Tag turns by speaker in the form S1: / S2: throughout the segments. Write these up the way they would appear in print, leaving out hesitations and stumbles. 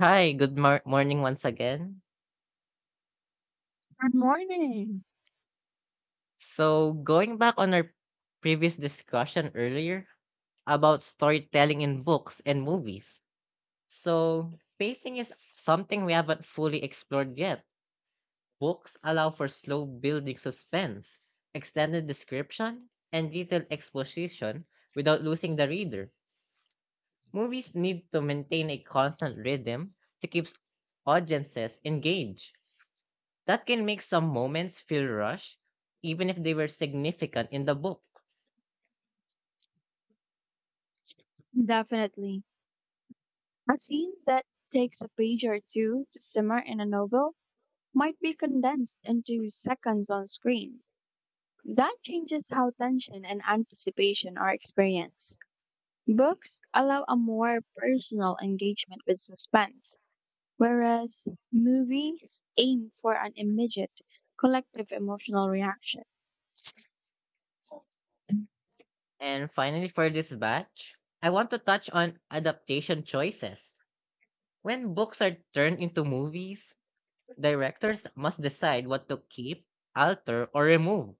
S1: Hi, good morning once again.
S2: Good morning.
S1: So, going back on our previous discussion earlier about storytelling in books and movies. So, pacing is something we haven't fully explored yet. Books allow for slow building suspense, extended description, and detailed exposition without losing the reader. Movies need to maintain a constant rhythm to keep audiences engaged. That can make some moments feel rushed, even if they were significant in the book.
S2: Definitely. A scene that takes a page or two to simmer in a novel might be condensed into seconds on screen. That changes how tension and anticipation are experienced. Books allow a more personal engagement with suspense, whereas movies aim for an immediate, collective emotional reaction.
S1: And finally, for this batch, I want to touch on adaptation choices. When books are turned into movies, directors must decide what to keep, alter, or remove.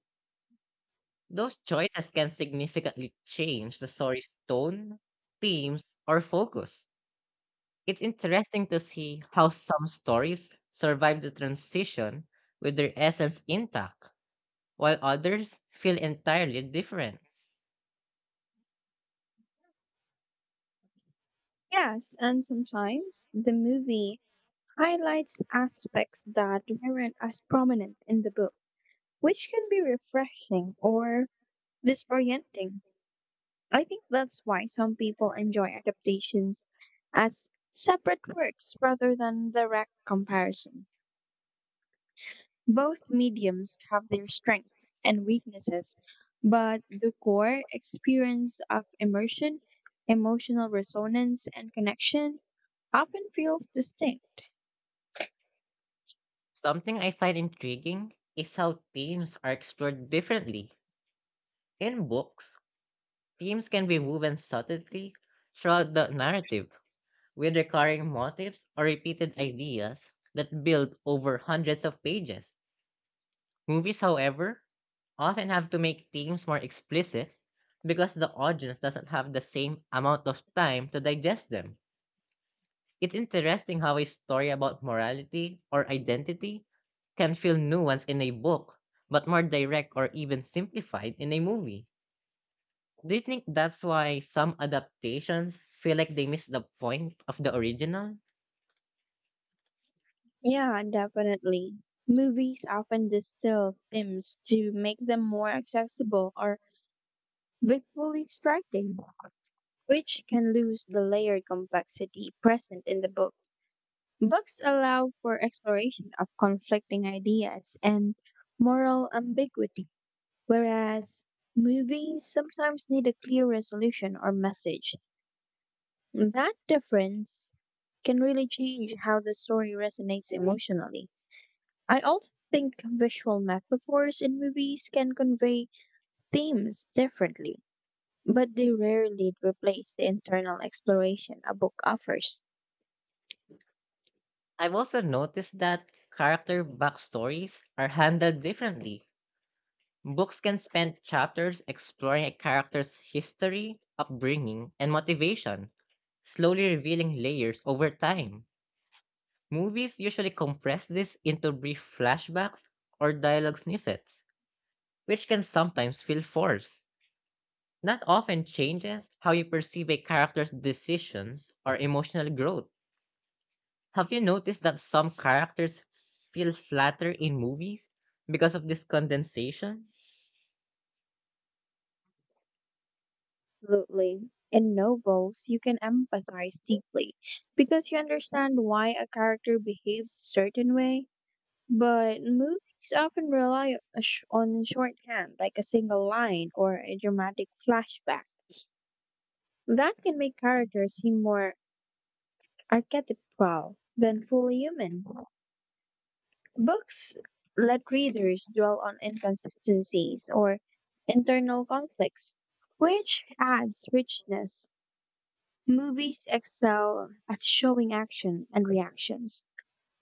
S1: Those choices can significantly change the story's tone, themes, or focus. It's interesting to see how some stories survive the transition with their essence intact while others feel entirely different.
S2: Yes, and sometimes the movie highlights aspects that weren't as prominent in the book, which can be refreshing or disorienting. I think that's why some people enjoy adaptations as separate works rather than direct comparison. Both mediums have their strengths and weaknesses, but the core experience of immersion, emotional resonance, and connection often feels distinct.
S1: Something I find intriguing is how themes are explored differently. In books, themes can be woven subtly throughout the narrative, with recurring motifs or repeated ideas that build over hundreds of pages. Movies, however, often have to make themes more explicit because the audience doesn't have the same amount of time to digest them. It's interesting how a story about morality or identity can feel nuanced in a book, but more direct or even simplified in a movie. Do you think that's why some adaptations feel like they miss the point of the original?
S2: Yeah, definitely. Movies often distill themes to make them more accessible or visually striking, which can lose the layered complexity present in the book. Books allow for exploration of conflicting ideas and moral ambiguity, whereas movies sometimes need a clear resolution or message. That difference can really change how the story resonates emotionally. I also think visual metaphors in movies can convey themes differently, but they rarely replace the internal exploration a book offers.
S1: I've also noticed that character backstories are handled differently. Books can spend chapters exploring a character's history, upbringing, and motivation, slowly revealing layers over time. Movies usually compress this into brief flashbacks or dialogue snippets, which can sometimes feel forced. That often changes how you perceive a character's decisions or emotional growth. Have you noticed that some characters feel flatter in movies because of this condensation?
S2: Absolutely. In novels, you can empathize deeply because you understand why a character behaves a certain way. But movies often rely on shorthand, like a single line or a dramatic flashback. That can make characters seem more archetypal than fully human. Books let readers dwell on inconsistencies or internal conflicts, which adds richness. Movies excel at showing action and reactions,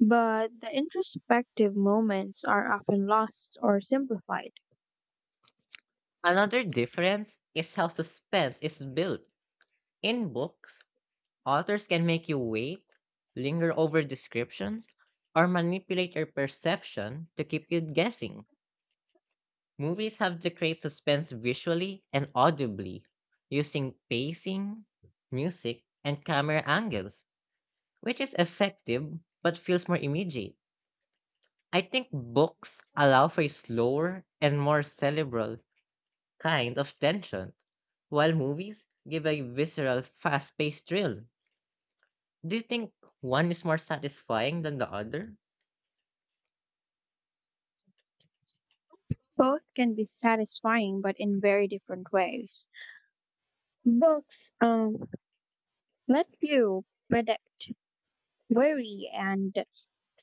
S2: but the introspective moments are often lost or simplified.
S1: Another difference is how suspense is built. In books, authors can make you wait, linger over descriptions, or manipulate your perception to keep you guessing. Movies have to create suspense visually and audibly, using pacing, music, and camera angles, which is effective but feels more immediate. I think books allow for a slower and more cerebral kind of tension, while movies give a visceral, fast paced thrill. Do you think one is more satisfying than the other?
S2: Both can be satisfying, but in very different ways. Books let you predict, worry, and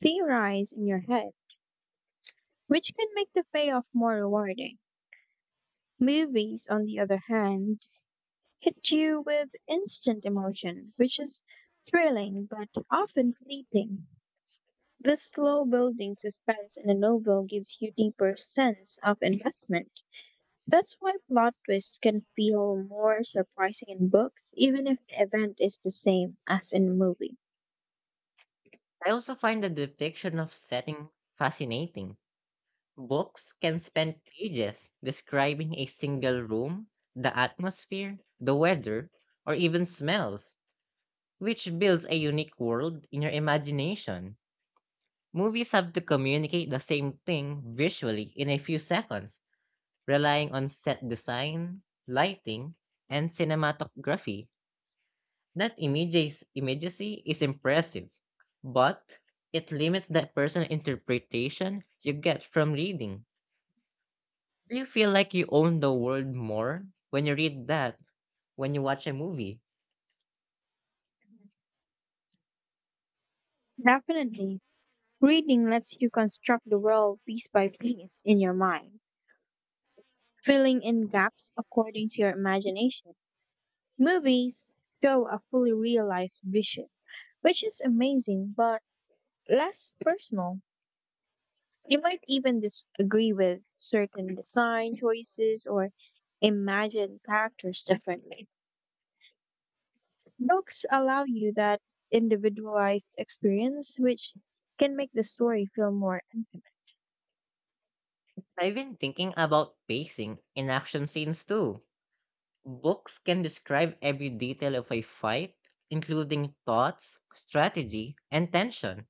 S2: theorize in your head, which can make the payoff more rewarding. Movies, on the other hand, hit you with instant emotion, which is thrilling but often fleeting. The slow building suspense in a novel gives you deeper sense of investment. That's why plot twists can feel more surprising in books, even if the event is the same as in a movie.
S1: I also find the depiction of setting fascinating. Books can spend pages describing a single room, the atmosphere, the weather, or even smells, which builds a unique world in your imagination. Movies have to communicate the same thing visually in a few seconds, relying on set design, lighting, and cinematography. That images immediacy is impressive, but it limits the personal interpretation you get from reading. Do you feel like you own the world more when you read that, when you watch a movie?
S2: Definitely. Reading lets you construct the world piece by piece in your mind, filling in gaps according to your imagination. Movies show a fully realized vision, which is amazing but less personal. You might even disagree with certain design choices or imagine characters differently. Books allow you that individualized experience, which can make the story feel more intimate.
S1: I've been thinking about pacing in action scenes too. Books can describe every detail of a fight, including thoughts, strategy, and tension,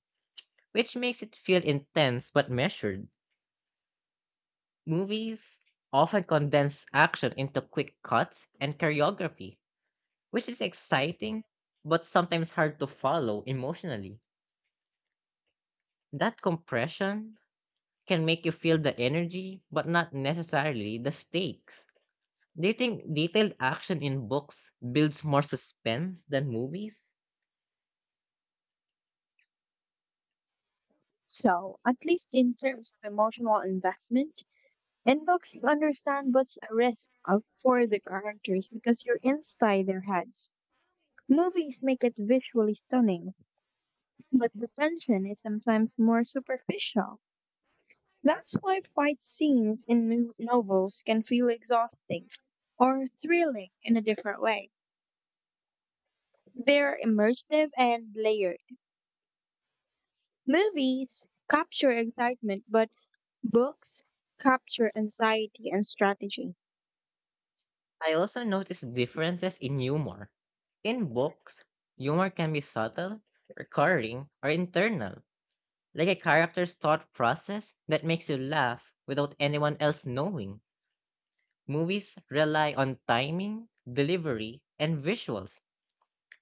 S1: which makes it feel intense but measured. Movies often condense action into quick cuts and choreography, which is exciting but sometimes hard to follow emotionally. That compression can make you feel the energy, but not necessarily the stakes. Do you think detailed action in books builds more suspense than movies?
S2: So, at least in terms of emotional investment, in books you understand what's at risk for the characters because you're inside their heads. Movies make it visually stunning, but the tension is sometimes more superficial. That's why fight scenes in novels can feel exhausting or thrilling in a different way. They're immersive and layered. Movies capture excitement, but books capture anxiety and strategy.
S1: I also noticed differences in humor. In books, humor can be subtle, recurring, or internal, like a character's thought process that makes you laugh without anyone else knowing. Movies rely on timing, delivery, and visuals,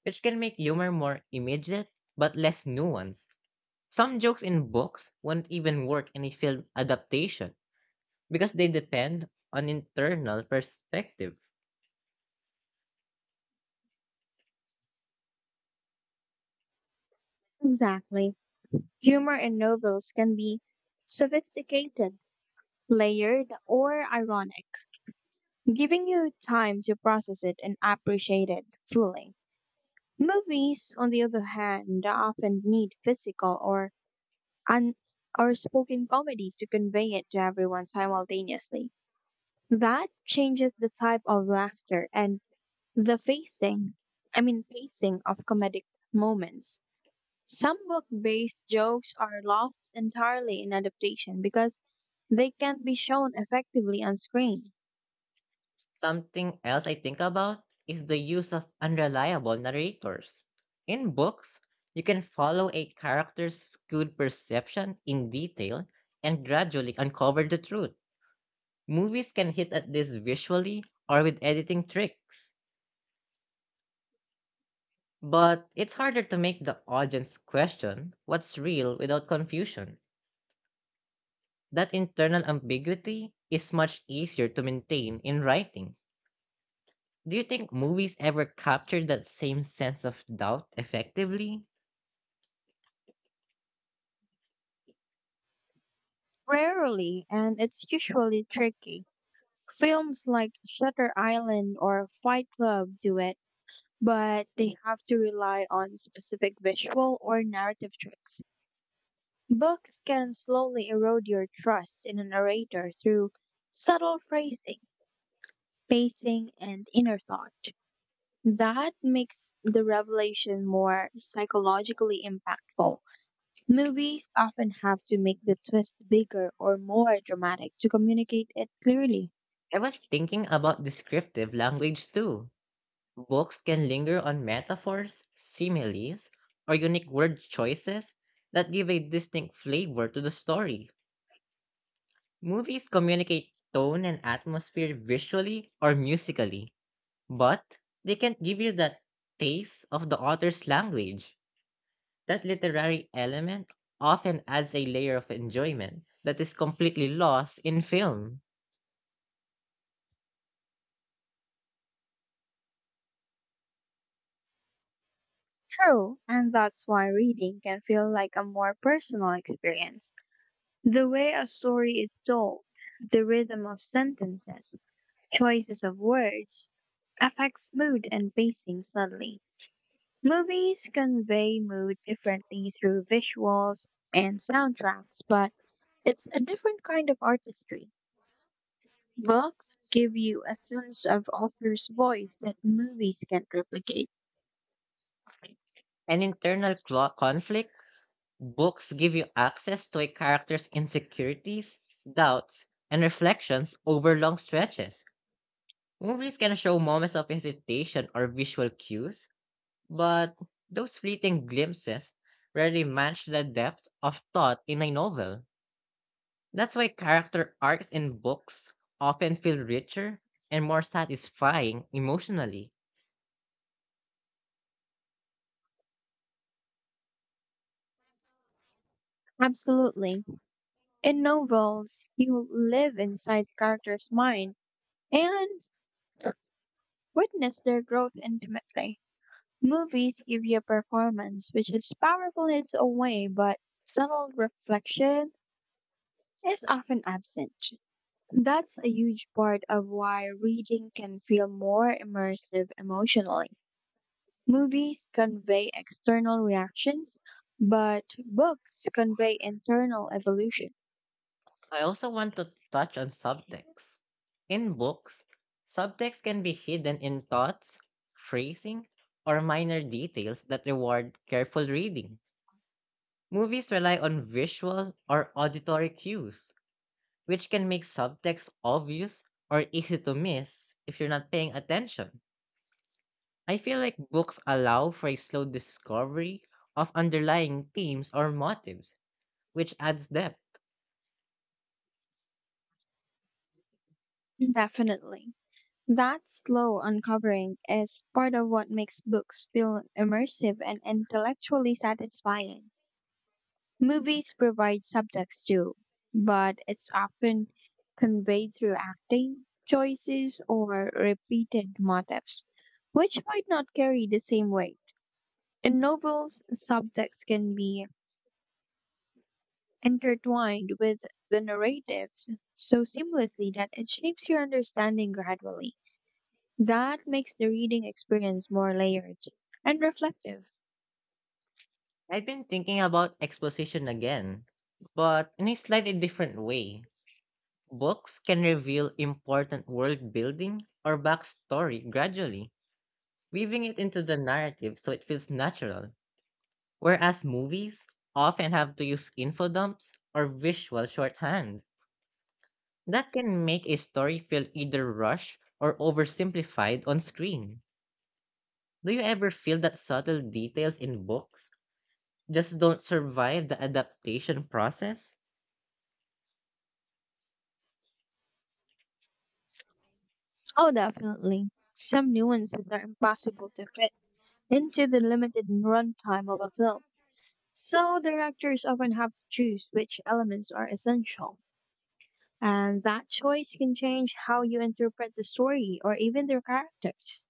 S1: which can make humor more immediate but less nuanced. Some jokes in books wouldn't even work in a film adaptation because they depend on internal perspective.
S2: Exactly. Humor in novels can be sophisticated, layered, or ironic giving you time to process it and appreciate it fully. Movies, on the other hand, often need physical or un- or spoken comedy to convey it to everyone simultaneously. That changes the type of laughter and the facing, I mean, pacing of comedic moments. Some book-based jokes are lost entirely in adaptation because they can't be shown effectively on screen.
S1: Something else I think about is the use of unreliable narrators. In books, you can follow a character's skewed perception in detail and gradually uncover the truth. Movies can hit at this visually or with editing tricks, but it's harder to make the audience question what's real without confusion. That internal ambiguity is much easier to maintain in writing. Do you think movies ever capture that same sense of doubt effectively?
S2: Rarely, and it's usually tricky. Films like Shutter Island or Fight Club do it, but they have to rely on specific visual or narrative tricks. Books can slowly erode your trust in a narrator through subtle phrasing, pacing, and inner thought. That makes the revelation more psychologically impactful. Movies often have to make the twist bigger or more dramatic to communicate it clearly.
S1: I was thinking about descriptive language too. Books can linger on metaphors, similes, or unique word choices that give a distinct flavor to the story. Movies communicate tone and atmosphere visually or musically, but they can't give you that taste of the author's language. That literary element often adds a layer of enjoyment that is completely lost in film.
S2: True, and that's why reading can feel like a more personal experience. The way a story is told, the rhythm of sentences, choices of words, affects mood and pacing subtly. Movies convey mood differently through visuals and soundtracks, but it's a different kind of artistry. Books give you a sense of author's voice that movies can't replicate.
S1: An internal conflict, books give you access to a character's insecurities, doubts, and reflections over long stretches. Movies can show moments of hesitation or visual cues, but those fleeting glimpses rarely match the depth of thought in a novel. That's why character arcs in books often feel richer and more satisfying emotionally.
S2: Absolutely. In novels, you live inside the character's mind and witness their growth intimately. Movies give you a performance which is powerful in its own way, but subtle reflection is often absent. That's a huge part of why reading can feel more immersive emotionally. Movies convey external reactions, but books convey internal evolution.
S1: I also want to touch on subtext. In books, subtext can be hidden in thoughts, phrasing, or minor details that reward careful reading. Movies rely on visual or auditory cues, which can make subtext obvious or easy to miss if you're not paying attention. I feel like books allow for a slow discovery of underlying themes or motives, which adds depth.
S2: Definitely. That slow uncovering is part of what makes books feel immersive and intellectually satisfying. Movies provide subjects too, but it's often conveyed through acting, choices, or repeated motifs, which might not carry the same weight. In novels, subjects can be intertwined with the narratives so seamlessly that it shapes your understanding gradually. That makes the reading experience more layered and reflective.
S1: I've been thinking about exposition again, but in a slightly different way. Books can reveal important world building or backstory gradually, weaving it into the narrative so it feels natural. Whereas movies often have to use info dumps or visual shorthand. That can make a story feel either rushed or oversimplified on screen. Do you ever feel that subtle details in books just don't survive the adaptation process?
S2: Oh, definitely. Some nuances are impossible to fit into the limited runtime of a film. So, directors often have to choose which elements are essential. And that choice can change how you interpret the story or even the characters.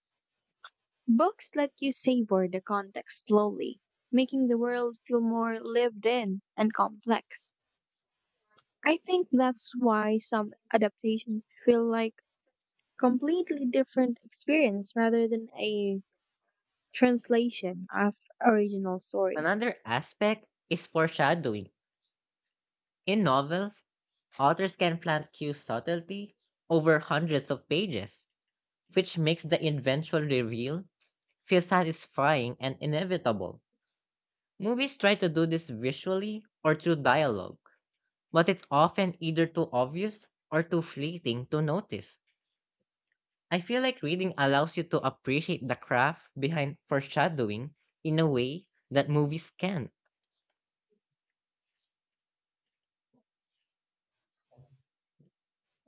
S2: Books let you savor the context slowly, making the world feel more lived in and complex. I think that's why some adaptations feel like completely different experience rather than a translation of original story.
S1: Another aspect is foreshadowing. In novels, authors can plant cue subtlety over hundreds of pages, which makes the eventual reveal feel satisfying and inevitable. Movies try to do this visually or through dialogue, but it's often either too obvious or too fleeting to notice. I feel like reading allows you to appreciate the craft behind foreshadowing in a way that movies can't.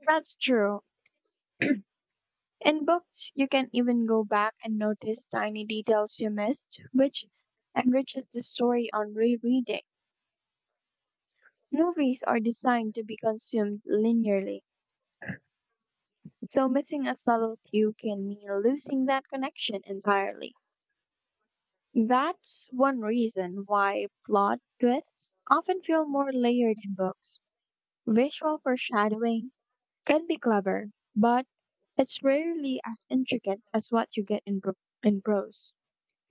S2: That's true. In books, you can even go back and notice tiny details you missed, which enriches the story on rereading. Movies are designed to be consumed linearly, so missing a subtle cue can mean losing that connection entirely. That's one reason why plot twists often feel more layered in books. Visual foreshadowing can be clever, but it's rarely as intricate as what you get in prose.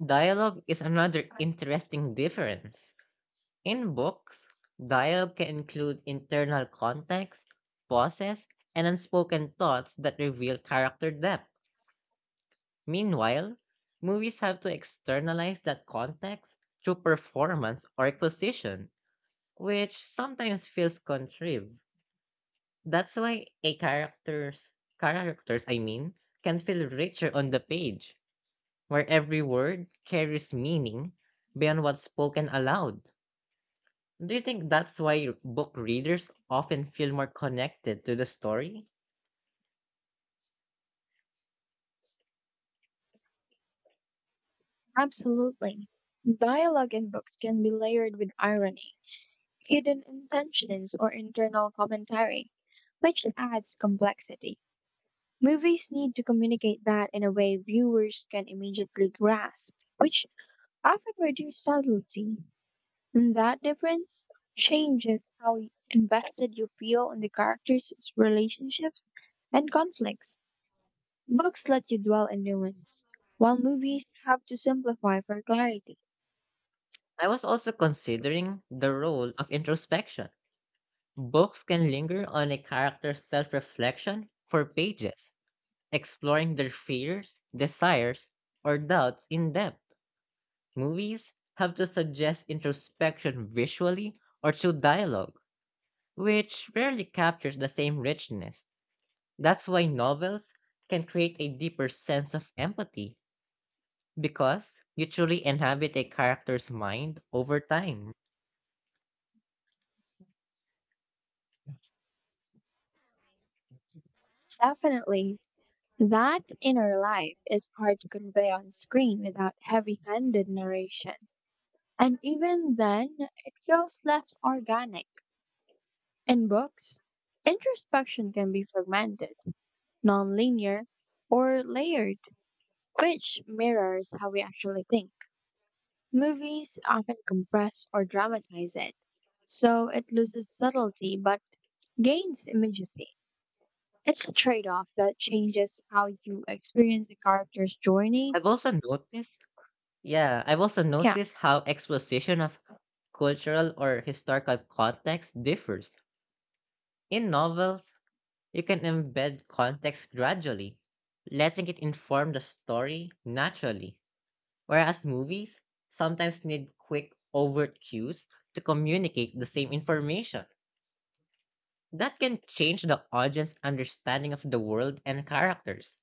S1: Dialogue is another interesting difference. In books, dialogue can include internal context, pauses, and unspoken thoughts that reveal character depth. Meanwhile, movies have to externalize that context through performance or exposition, which sometimes feels contrived. That's why a character's characters, I mean, can feel richer on the page, where every word carries meaning beyond what's spoken aloud. Do you think that's why book readers often feel more connected to the story?
S2: Absolutely. Dialogue in books can be layered with irony, hidden intentions, or internal commentary, which adds complexity. Movies need to communicate that in a way viewers can immediately grasp, which often reduces subtlety. And that difference changes how invested you feel in the characters' relationships and conflicts. Books let you dwell in nuance, while movies have to simplify for clarity.
S1: I was also considering the role of introspection. Books can linger on a character's self reflection for pages, exploring their fears, desires, or doubts in depth. Movies have to suggest introspection visually or through dialogue, which rarely captures the same richness. That's why novels can create a deeper sense of empathy because you truly inhabit a character's mind over time.
S2: Definitely, that inner life is hard to convey on screen without heavy handed narration. And even then, it feels less organic. In books, introspection can be fragmented, non linear, or layered, which mirrors how we actually think. Movies often compress or dramatize it, so it loses subtlety but gains immediacy. It's a trade off that changes how you experience a character's journey.
S1: I've also noticed, yeah, I've also
S2: Yeah,
S1: noticed how exposition of cultural or historical context differs. In novels, you can embed context gradually, letting it inform the story naturally. Whereas movies sometimes need quick, overt cues to communicate the same information. That can change the audience understanding of the world and characters.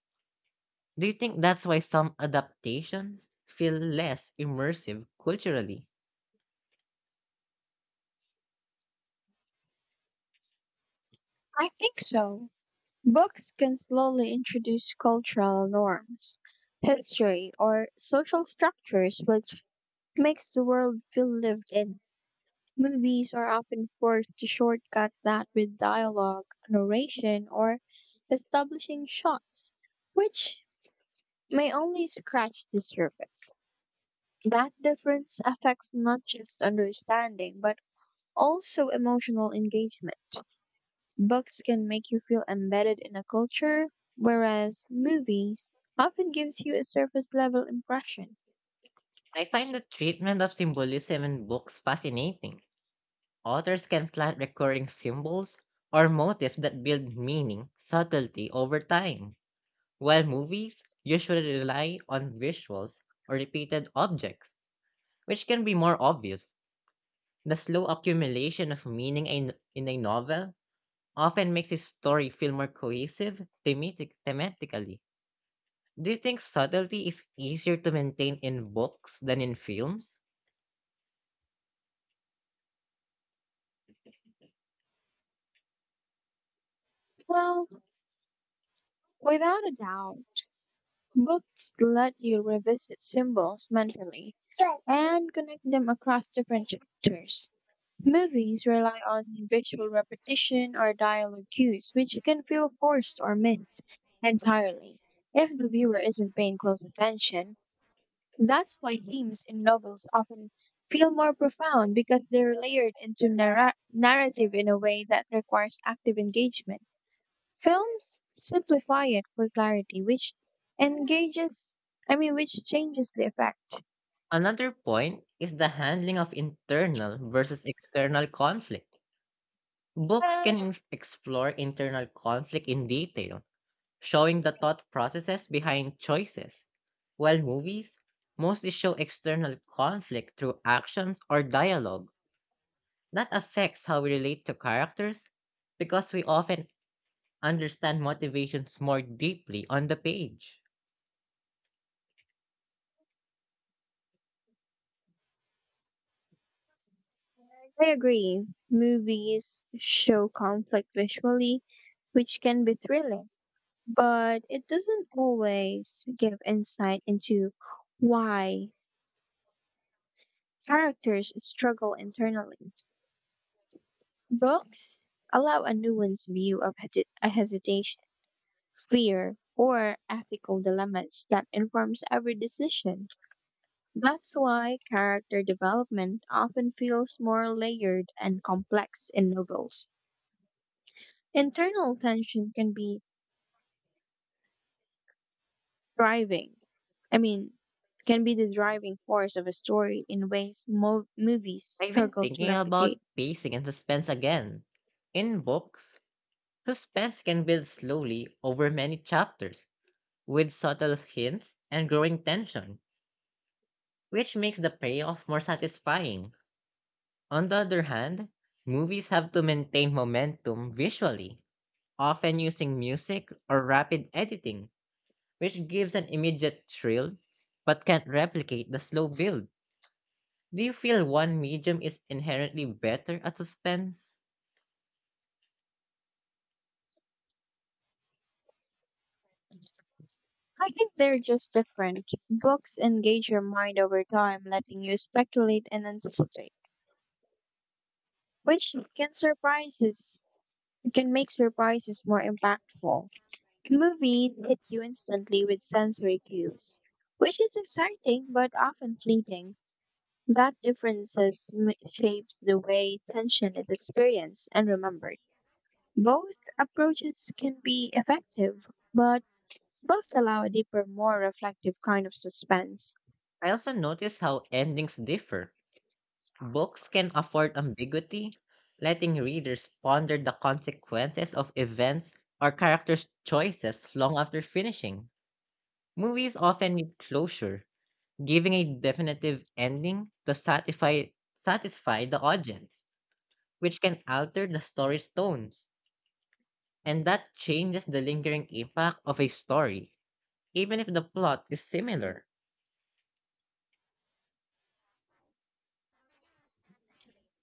S1: Do you think that's why some adaptations feel less immersive culturally?
S2: I think so. Books can slowly introduce cultural norms, history, or social structures, which makes the world feel lived in. Movies are often forced to shortcut that with dialogue, narration, or establishing shots, which may only scratch the surface. That difference affects not just understanding, but also emotional engagement. Books can make you feel embedded in a culture, whereas movies often gives you a surface level impression.
S1: I find the treatment of symbolism in books fascinating. Authors can plant recurring symbols or motifs that build meaning subtlety over time, while movies usually rely on visuals or repeated objects, which can be more obvious. The slow accumulation of meaning in a novel often makes a story feel more cohesive thematically. Do you think subtlety is easier to maintain in books than in films?
S2: Well, without a doubt, books let you revisit symbols mentally and connect them across different cultures. Movies rely on visual repetition or dialogue cues, which can feel forced or missed entirely if the viewer isn't paying close attention. That's why themes in novels often feel more profound because they're layered into narrative in a way that requires active engagement. Films simplify it for clarity, which engages, which changes the effect.
S1: Another point is the handling of internal versus external conflict. Books can explore internal conflict in detail, showing the thought processes behind choices, while movies mostly show external conflict through actions or dialogue. That affects how we relate to characters because we often understand motivations more deeply on the page.
S2: I agree. Movies show conflict visually, which can be thrilling, but it doesn't always give insight into why characters struggle internally. Books allow a nuanced view of a hesitation, fear, or ethical dilemmas that informs every decision. That's why character development often feels more layered and complex in novels. Internal tension can be driving. I mean, can be the driving force of a story in ways movies
S1: I've been
S2: struggle to
S1: thinking about
S2: replicate.
S1: pacing and suspense again. In books, suspense can build slowly over many chapters, with subtle hints and growing tension which makes the payoff more satisfying. On the other hand, movies have to maintain momentum visually, often using music or rapid editing, which gives an immediate thrill but can't replicate the slow build. Do you feel one medium is inherently better at suspense?
S2: I think they're just different. Books engage your mind over time, letting you speculate and anticipate, which can make surprises more impactful. Movies hit you instantly with sensory cues, which is exciting but often fleeting. That shapes the way tension is experienced and remembered. Both approaches can be effective, but both allow a deeper, more reflective kind of suspense.
S1: I also notice how endings differ. Books can afford ambiguity, letting readers ponder the consequences of events or characters' choices long after finishing. Movies often need closure, giving a definitive ending to satisfy the audience, which can alter the story's tone, and that changes the lingering impact of a story, even if the plot is similar.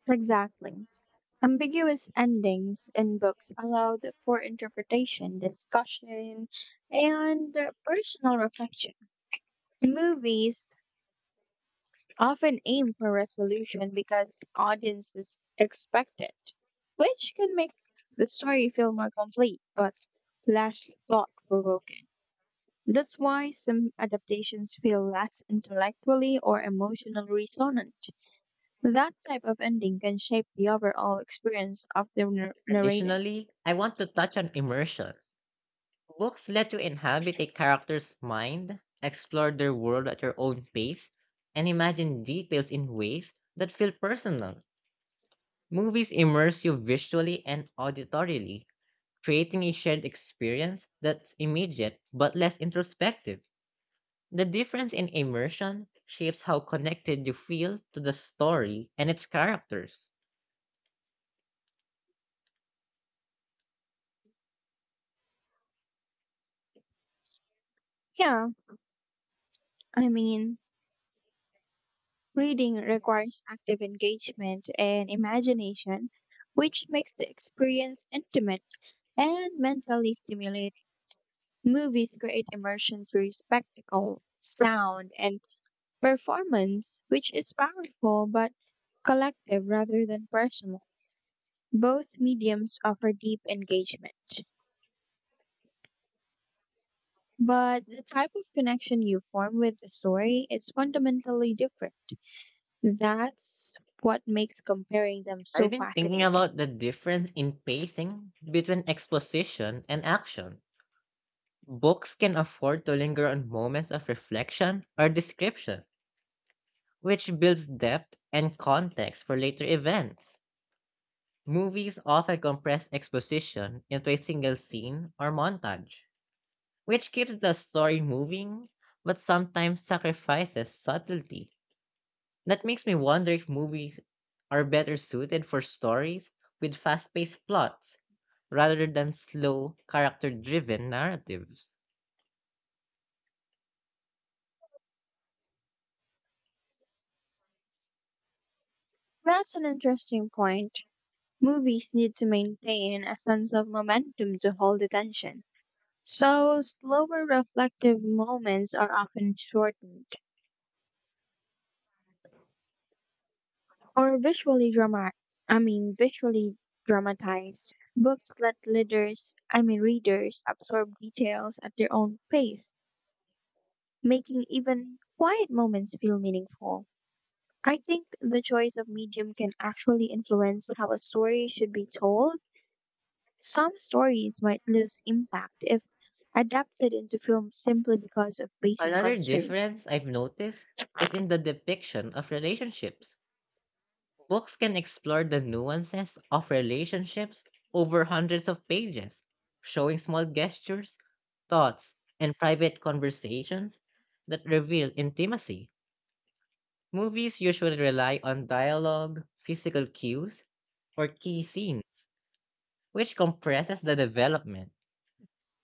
S2: Exactly. Ambiguous endings in books allowed for interpretation, discussion, and personal reflection. Movies often aim for resolution because audiences expect it, which can make the story feel more complete but less thought provoking. That's why some adaptations feel less intellectually or emotionally resonant. That type of ending can shape the overall experience of the narrative.
S1: Additionally, I want to touch on immersion. Books let you inhabit a character's mind, explore their world at your own pace, and imagine details in ways that feel personal. Movies immerse you visually and auditorily, creating a shared experience that's immediate but less introspective. The difference in immersion shapes how connected you feel to the story and its characters.
S2: Yeah, I mean, reading requires active engagement and imagination, which makes the experience intimate and mentally stimulating. Movies create immersion through spectacle, sound, and performance, which is powerful but collective rather than personal. Both mediums offer deep engagement, but the type of connection you form with the story is fundamentally different. That's what makes comparing them
S1: I've
S2: so
S1: been thinking
S2: fascinating.
S1: about the difference in pacing between exposition and action. Books can afford to linger on moments of reflection or description, which builds depth and context for later events. Movies often compress exposition into a single scene or montage which keeps the story moving, but sometimes sacrifices subtlety. That makes me wonder if movies are better suited for stories with fast paced plots rather than slow, character driven narratives.
S2: That's an interesting point. Movies need to maintain a sense of momentum to hold attention. So, slower reflective moments are often shortened, or visually dramatic, visually dramatized. Books let readers I mean readers absorb details at their own pace, making even quiet moments feel meaningful. I think the choice of medium can actually influence how a story should be told. Some stories might lose impact if adapted into film simply because of pacing
S1: Another
S2: constraints.
S1: difference I've noticed is in the depiction of relationships. Books can explore the nuances of relationships over hundreds of pages, showing small gestures, thoughts, and private conversations that reveal intimacy. Movies usually rely on dialogue, physical cues, or key scenes, which compresses the development.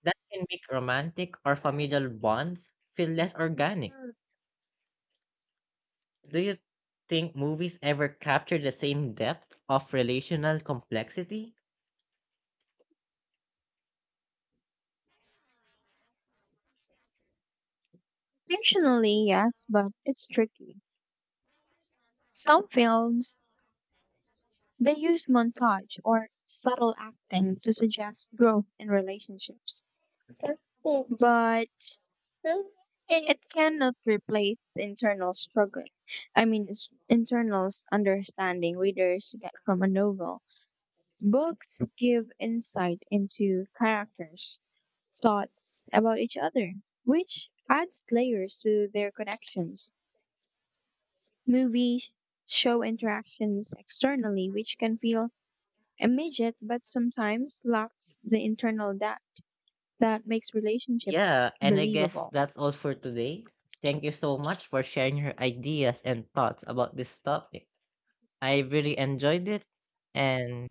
S1: That can make romantic or familial bonds feel less organic. Do you think movies ever capture the same depth of relational complexity?
S2: Fictionally, yes, but it's tricky. Some films, they used montage or subtle acting to suggest growth in relationships, but it cannot replace the internal struggle. Understanding readers get from a novel. Books give insight into characters' thoughts about each other, which adds layers to their connections. Movies show interactions externally, which can feel immediate but sometimes lacks the internal depth that makes relationship
S1: Yeah, and I guess
S2: believable.
S1: that's all for today. Thank you so much for sharing your ideas and thoughts about this topic. I really enjoyed it, and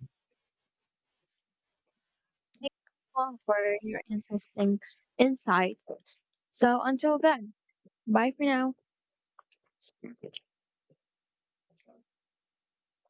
S2: Thank you all for your interesting insights. So until then, bye for now.